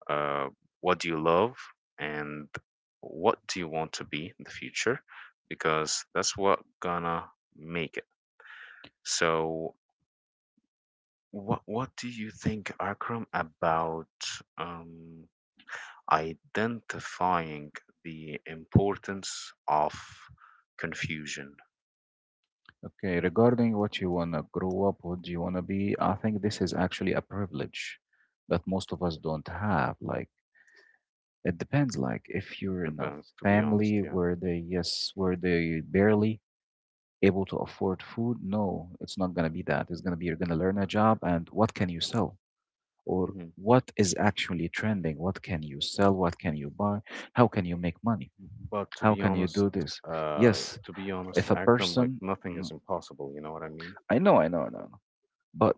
uh, what do you love and what do you want to be in the future, because that's what gonna make it. So, what do you think, Akram, about um, identifying the importance of confusion? Okay, regarding what you want to grow up, what do you want to be? I think this is actually a privilege that most of us don't have. Like, it depends. Like, if you're in a Depends, to be honest, family yeah. where they, yes, where they barely able to afford food? No, it's not going to be that. It's going to be you're going to learn a job and what can you sell? Or Hmm. what is actually trending? What can you sell? What can you buy? How can you make money? But to How be can you honest, do this? uh, Yes, if a Akram, like, person, nothing mm, is impossible. You know what I mean? I know, but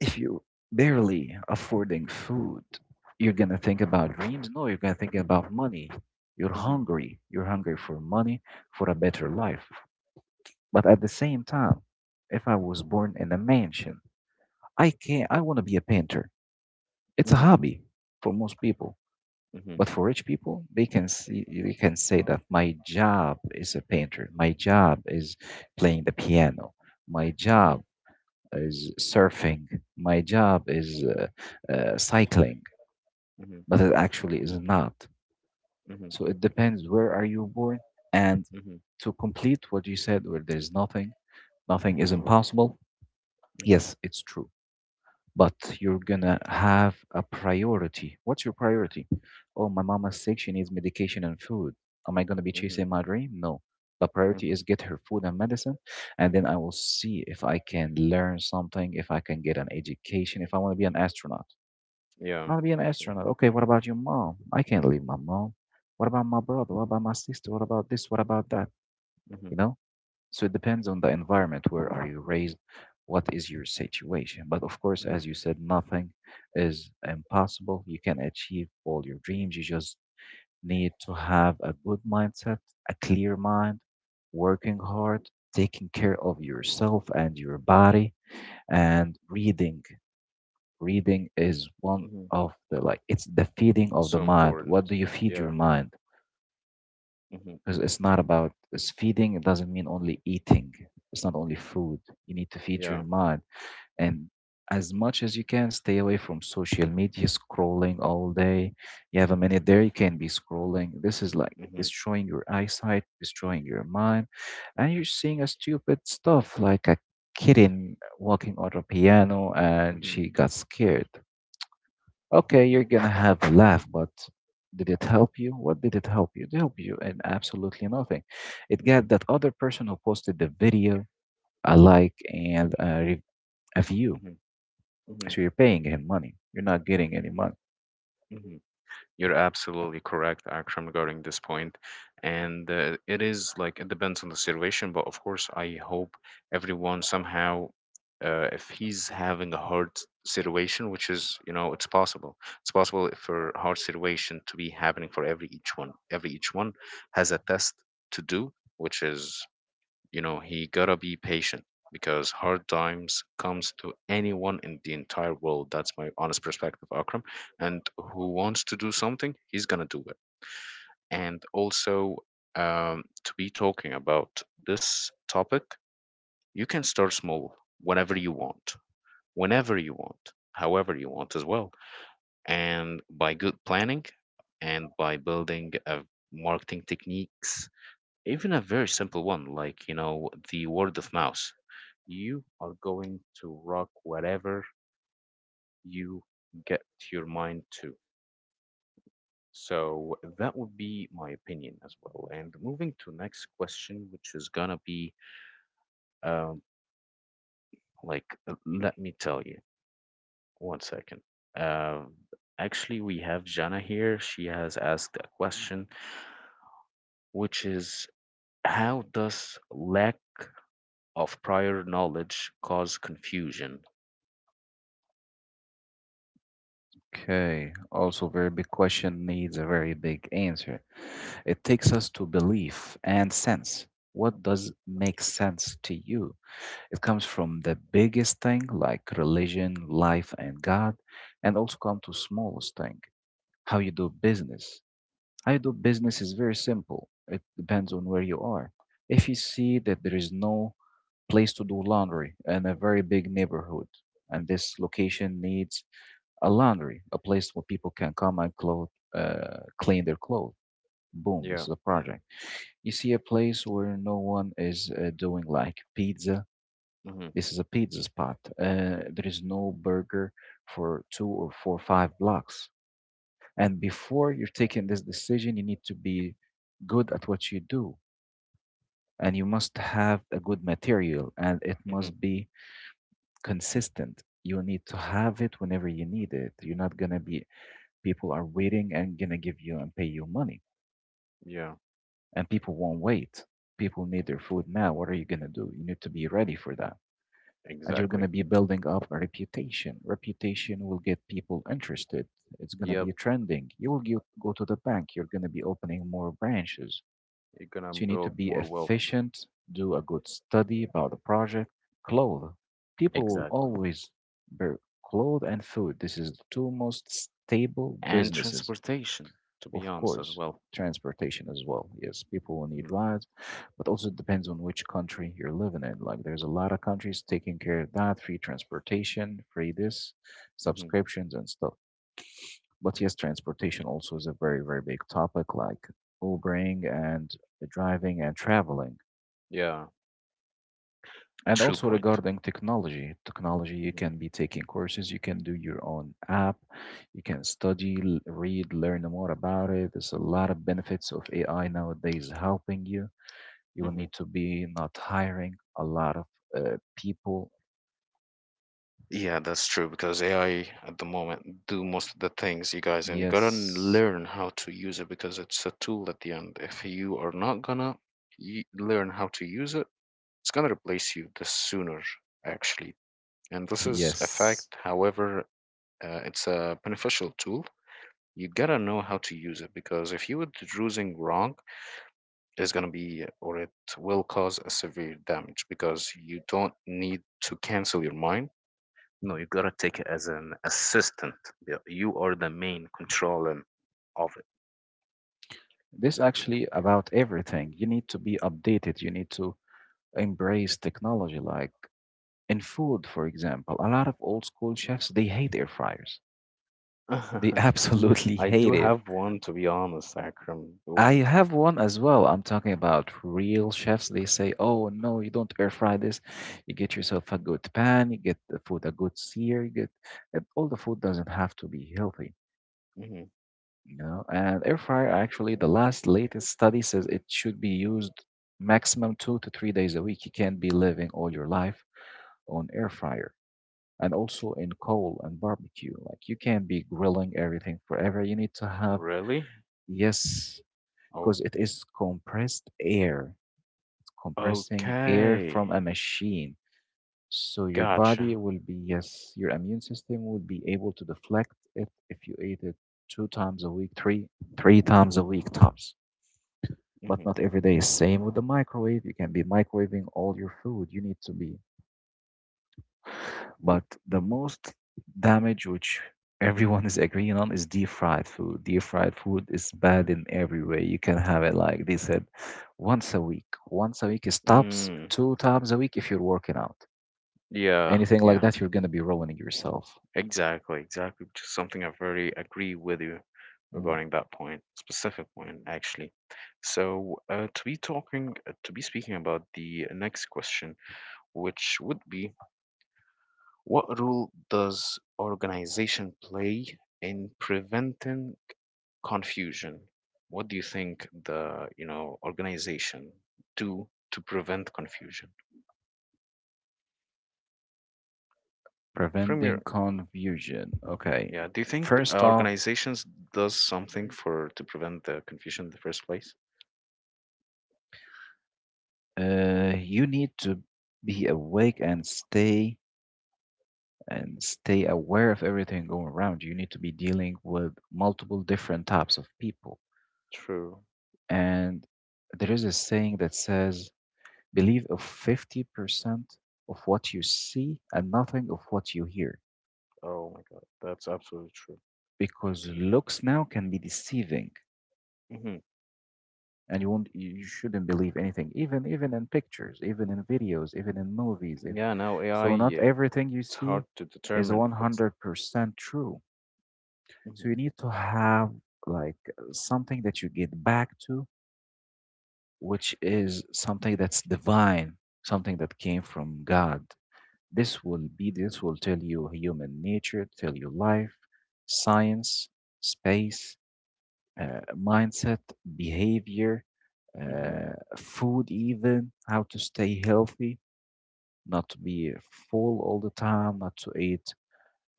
if you barely affording food, you're going to think about dreams? No, you're going to think about money. You're Mm-hmm. hungry. You're hungry for money, for a better life. But at the same time, if I was born in a mansion, I can, I want to be a painter. It's a Mm-hmm. hobby for most people, Mm-hmm. but for rich people, they can see, they can say that my job is a painter. My job is playing the piano. My Mm-hmm. job is surfing. My job is cycling, Mm-hmm. but it actually is not. Mm-hmm. So it depends where are you born. And Mm-hmm. to complete what you said, where there's nothing, nothing is impossible. Mm-hmm. Yes, it's true but you're gonna have a priority. What's your priority? Oh, my mama's sick. She needs medication and food. Am I gonna be Mm-hmm. chasing my dream? No. The priority Mm-hmm. is get her food and medicine, and then I will see if I can learn something, if I can get an education, if I want to be an astronaut. Yeah. I will be an True. astronaut. Okay, what about your mom? I can't leave my mom. What about my brother? What about my sister? What about this? What about that? Mm-hmm. You know? So it depends on the environment. Where are you raised? What is your situation? But of course, Mm-hmm. as you said, nothing is impossible. You can achieve all your dreams. You just need to have a good mindset, a clear mind, working hard, taking care of yourself and your body, and reading. Reading is one Mm-hmm. of the like, it's the feeding of the So mind. important. What do you feed Yeah. your mind? Mm-hmm. Because it's not about it's feeding it doesn't mean only eating, it's not only food, you need to feed your Yeah. mind, and as much as you can, stay away from social media scrolling all day. You have a minute there, you can be scrolling. This is like Mm-hmm. destroying your eyesight, destroying your mind, and you're seeing a stupid stuff like a kitten walking on a piano and Mm-hmm. she got scared. Okay, you're Mhm. gonna have a laugh, but did it help you? What did it help you? It helped you in absolutely nothing. It got Mhm. that other person who posted the video a like and a view. Mhm. Mhm. So you're paying him money. You're not getting any money. Mhm. You're absolutely correct, Akram, regarding this point. And it is like it depends on the situation, but of course, I hope everyone somehow, if he's having a hard situation, which is, it's possible. It's possible for a hard situation to be happening for every each one. Every each one has a test to do, which is, he gotta be patient, because hard times comes to anyone in the entire world. That's my honest perspective, Akram, and who wants to do something, he's gonna do it. And also, to be talking about this topic, you can start small whenever you want, whenever you want, however you want as well, and by good planning and by building marketing techniques, even a very simple one, like, you know, the word of mouth, you are going to rock whatever you get your mind to. So that would be my opinion as well, and moving to next question, which is gonna be um like, let me tell you one second. uh, actually, we have Jana here, she has asked a question, which is, how does lack of prior knowledge cause confusion. Okay, also very big question needs a very big answer. It takes Mhm. us to belief and sense. What does make sense to you? It comes from the biggest thing like religion, life, and God, and also come to smallest thing, how you do business. How you do business is very simple. It depends on where you are. If you see that there is no place to do laundry in a very big neighborhood, and this location needs a laundry, a place where people can come and clothe, clean their clothes. Boom, this Yeah. is a project. You see a place where no one is doing like pizza. Hmm. This is a pizza spot. There is no burger for two or four, five blocks. And before you're taking this decision, you need to be good at what you do. And you must have a good material and it Hmm. must be consistent. You need to have it whenever you need it. You're not going to be. People are waiting and gonna give you and pay you money. Yeah. And people won't wait. People need their food now. What are you gonna do? You need to be ready for that. And you're Exactly. gonna be building up a reputation. Reputation will get people interested. It's gonna Yep. be trending. You will go to the bank. You're gonna be opening more branches. You're gonna So you need to build be more wealth. efficient, do a good study about the project, clothe. People will Exactly. always bear clothes and food. This is the two most stable And businesses. transportation, to be Of honest, as course, well. transportation as well. Yes, people will need Hmm. rides, but also it depends on which country you're living in. Like, there's a lot of countries taking care of that, free transportation, free this, Hmm. subscriptions and stuff. But yes, transportation also is a very, very big topic, like Ubering and driving and traveling. Yeah. A And true also point. regarding technology, technology, you Hmm. can be taking courses, you can do your own app, you can study, read, learn more about it. There's a lot of benefits of AI nowadays helping you. You will Hmm. need to be not hiring a lot of people. Yeah, that's true, because AI at the moment do most of the things, you guys, and you gotta Yes, learn how to use it because it's a tool at the end. If you are not gonna learn how to use it, it's gonna replace you the sooner, actually. And this is a yes. fact. However, it's a beneficial tool. You gotta know how to use it, because if you were using wrong, it's gonna be, or it will cause a severe damage, because you don't need to cancel your mind. No, you gotta take it as an assistant. Yeah, you are the main controller of it. This actually about everything. You need to be updated. You need to embrace technology, like in food, for example. A lot of old school chefs, they hate air fryers. They absolutely I hate do it. have one, to be honest, Akram. I Oh, have one as well. I'm talking about real chefs. They say, "Oh no, you don't air fry this. You get yourself a good pan. You get the food a good sear. You get and all the food doesn't have to be healthy, mhm. you know." And air fryer, actually, the last latest study says it should be used maximum two to three days a week. You can't be living all your life on air fryer, and also in coal and barbecue. Like you can't be grilling everything forever. You need to have, Really? yes, Oh, because it is compressed air, compressing air okay. from a machine. So your body Gotcha. will be, yes, your immune system will be able to deflect it if you ate it two times a week, three, three times a week tops. But hmm not every day. Same with the microwave. You can be microwaving all your food. You need to be, but the most damage, which everyone is agreeing on, is deep fried food. Deep fried food is bad in every way. You can have it, like they said, once a week. Once a week, it stops Mm, two times a week if you're working out. yeah, Anything like yeah. that, you're going to be ruining yourself. Exactly, exactly, which is something I very agree with you Mm. regarding that point, specific point actually. To be speaking about the next question, which would be, what role does organization play in preventing confusion? What do you think organization do to prevent confusion? From Preventing your— confusion. Okay. Yeah. Do you think First off, organizations does something for to prevent the confusion in the first place? You need to be awake and stay aware of everything going around. You need to be dealing with multiple different types of people. True. And there is a saying that says, believe of 50% of what you see and nothing of what you hear, Oh my God, that's absolutely true. because looks now can be deceiving. Hmm And you shouldn't believe anything, even even in pictures, even in videos, even in movies if, Yeah. Now AI, so not yeah, everything you it's hard see to is determine if it's. 100% true, Hmm so you need to have like something that you get back to, which is something that's divine, something that came from God. This will be, this will tell you human nature, tell you life, science, space, mindset, behavior, hmm food, even how to stay healthy, not to be full all the time, not to eat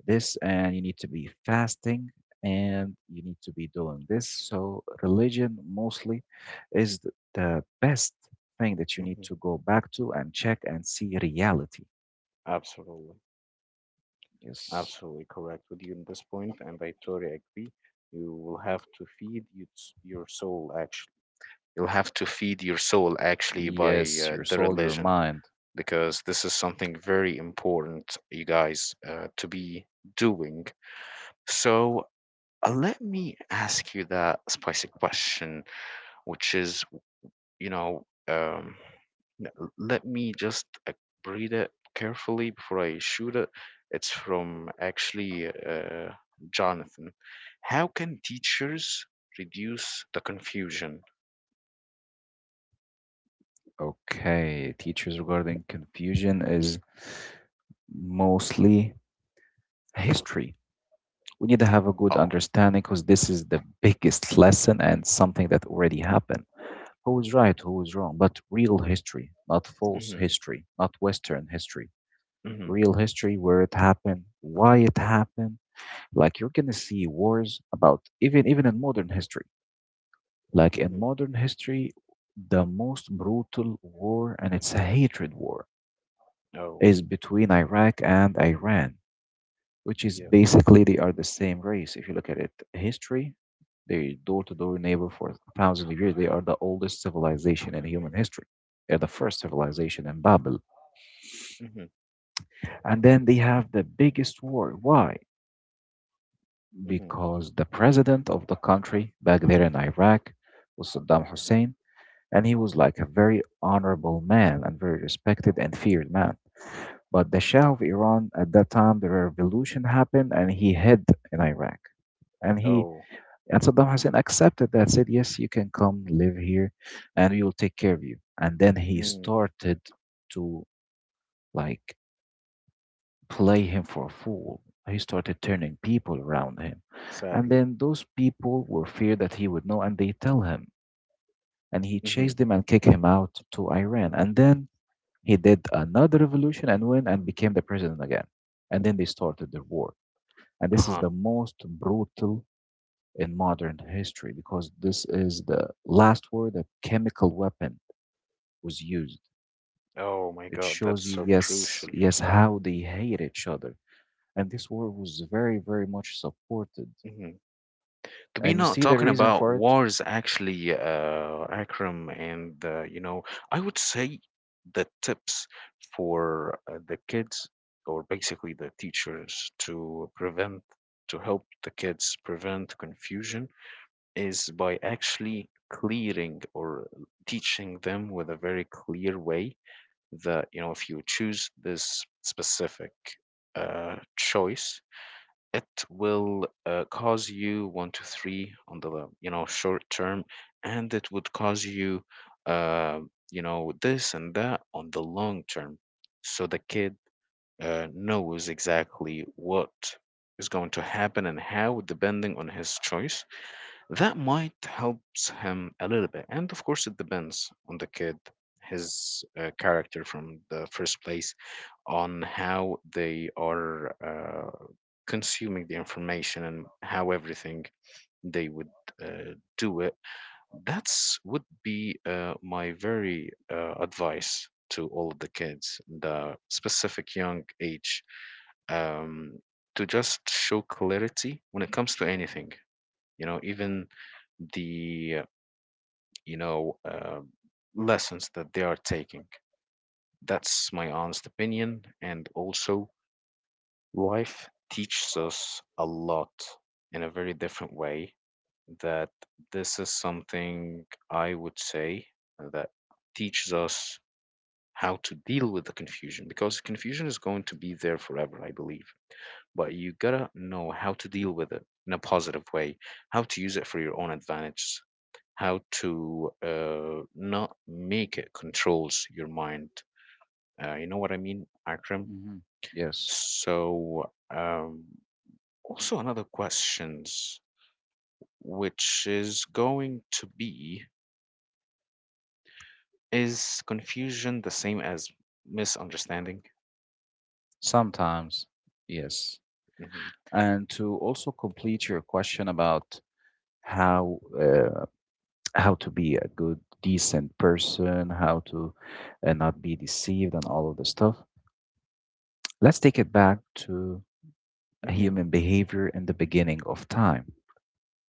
this, and you need to be fasting and you need to be doing this. So, religion mostly is the best thing that you need Mhm. to go back to and check and see reality. Absolutely, Yes, absolutely correct with you in this point, and I totally agree. You will have to feed your your soul actually. You'll have to feed your soul actually by yes, your the soul, your religion, mind. because this is something very important, you guys, to be doing. So, let me ask you that spicy question, which is, you know, um, let me just breathe it carefully before I shoot it. It's from actually Jonathan. How can teachers reduce the confusion? Okay, teachers regarding confusion is mostly history. We need to have a good Oh, understanding because this is the biggest lesson and something that already happened. Who is right, who is wrong, but real history, not false mm-hmm, history, not Western history. mm-hmm, Real history, where it happened, why it happened. Like you're gonna see wars about even even in modern history. Like in mm-hmm. modern history, the most brutal war, and it's a hatred war Oh, is between Iraq and Iran, which is yeah, basically they are the same race. If you look at it, history, they door to door neighbor for thousands of years. They are the oldest civilization in human history. They're the first civilization in Babel. mm-hmm, And then they have the biggest war. Why? mm-hmm. Because the president of the country back there in Iraq was Saddam Hussein. And he was like a very honorable man and very respected and feared man. But the Shah of Iran at that time, the revolution happened, and he hid in Iraq, and he, Oh, and Saddam Hussein accepted that, said, "Yes, you can come live here, and we will take care of you." And then he mm, started to, like, play him for a fool. He started turning people around him, and sadly. then those people were feared that he would know, and they tell him, and he Mm-hmm. chased them and kicked him out to Iran, and then he did another revolution and win and became the president again. And then they started their war. And this is Uh-huh. the most brutal in modern history because this is the last war that chemical weapon was used. Oh my It God, shows that's you, so yes, crucial. yes, how they hate each other. And this war was very, very much supported. Mm-hmm. We're And you not see the talking reason about for it? wars, actually, Akram, and I would say the tips for the kids, or basically the teachers, to prevent, to help the kids prevent confusion, is by actually clearing or teaching them with a very clear way that, you know, if you choose this specific choice, it will cause you one to three on the, you know, short term, and it would cause you uh, you know, this and that on the long term, so the kid knows exactly what is going to happen and how depending on his choice. That might helps him a little bit, and of course it depends on the kid, his character from the first place, on how they are consuming the information and how everything they would do it. That's would be my very advice to all of the kids, the specific young age, um, to just show clarity when it comes to anything, you know, even the you know uh, lessons that they are taking. That's my honest opinion, and also life teaches us a lot in a very different way, that this is something I would say that teaches us how to deal with the confusion, because confusion is going to be there forever, I believe. But you gotta know how to deal with it in a positive way, how to use it for your own advantage, how to not make it controls your mind. You know what I mean, Akram? Hmm. Yes, So, also another questions, which is going to be, is confusion the same as misunderstanding? sometimes, yes. Hmm And to also complete your question about how uh, how to be a good decent person, how to not be deceived and all of the stuff, let's take it back to hmm human behavior in the beginning of time.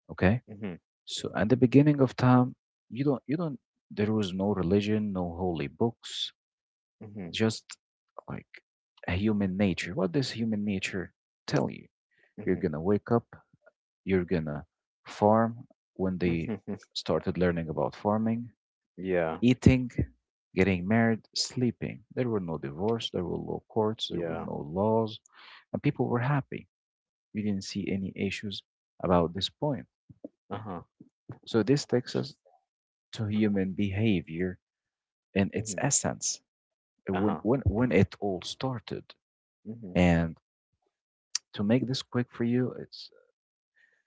Okay, hmm so in the beginning of time, you don't there was no religion, no holy books, hmm just, like, a human nature. What does human nature tell you? You're hmm gonna wake up, you're gonna farm, when they hmm started learning about farming, Yeah, eating, getting married, sleeping. There were no divorce, there were no courts, there were yeah. no laws, and people were happy. You didn't see any issues about this point. Uh-huh. So this takes us to human behavior in its hmm essence, when Uh-huh. It all started. Mm-hmm. And to make this quick for you, it's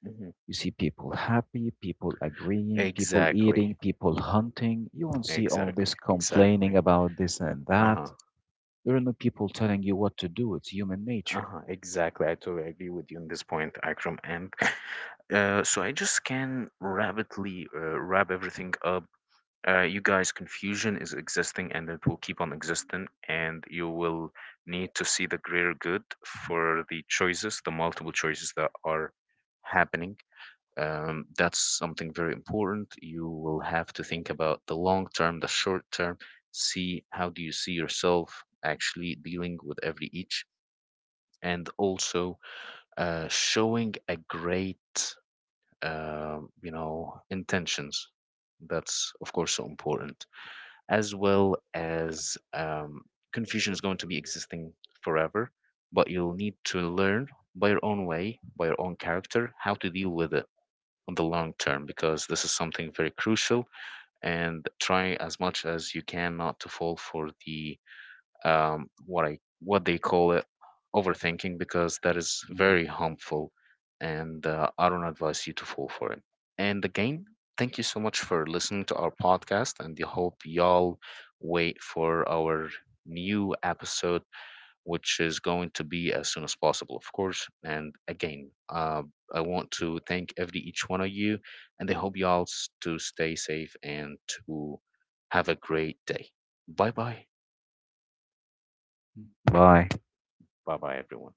Mhm. you see people happy, people agreeing, people Exactly. eating, people hunting. You won't see all this Exactly. complaining Exactly. about this and that. Uh-huh. There are no people telling you what to do. It's human nature. Uh-huh. Exactly. I totally agree with you on this point, Akram. And so I just can rapidly wrap everything up. You guys, confusion is existing and it will keep on existing, and you will need to see the greater good for the choices, the multiple choices that are happening. That's something very important. You will have to think about the long term, the short term. See how do you see yourself actually dealing with every each, and also showing a great, intentions. That's of course so important, as well as confusion is going to be existing forever, but you'll need to learn by your own way, by your own character, how to deal with it on the long term, because this is something very crucial. And try as much as you can not to fall for the what they call it overthinking, because that is Mhm. very harmful, and I don't advise you to fall for it. And again, thank you so much for listening to our podcast, and I hope y'all wait for our new episode, which is going to be as soon as possible, of course. And again, I want to thank every each one of you, and I hope to stay safe and to have a great day. Bye bye. Bye. Bye bye, everyone.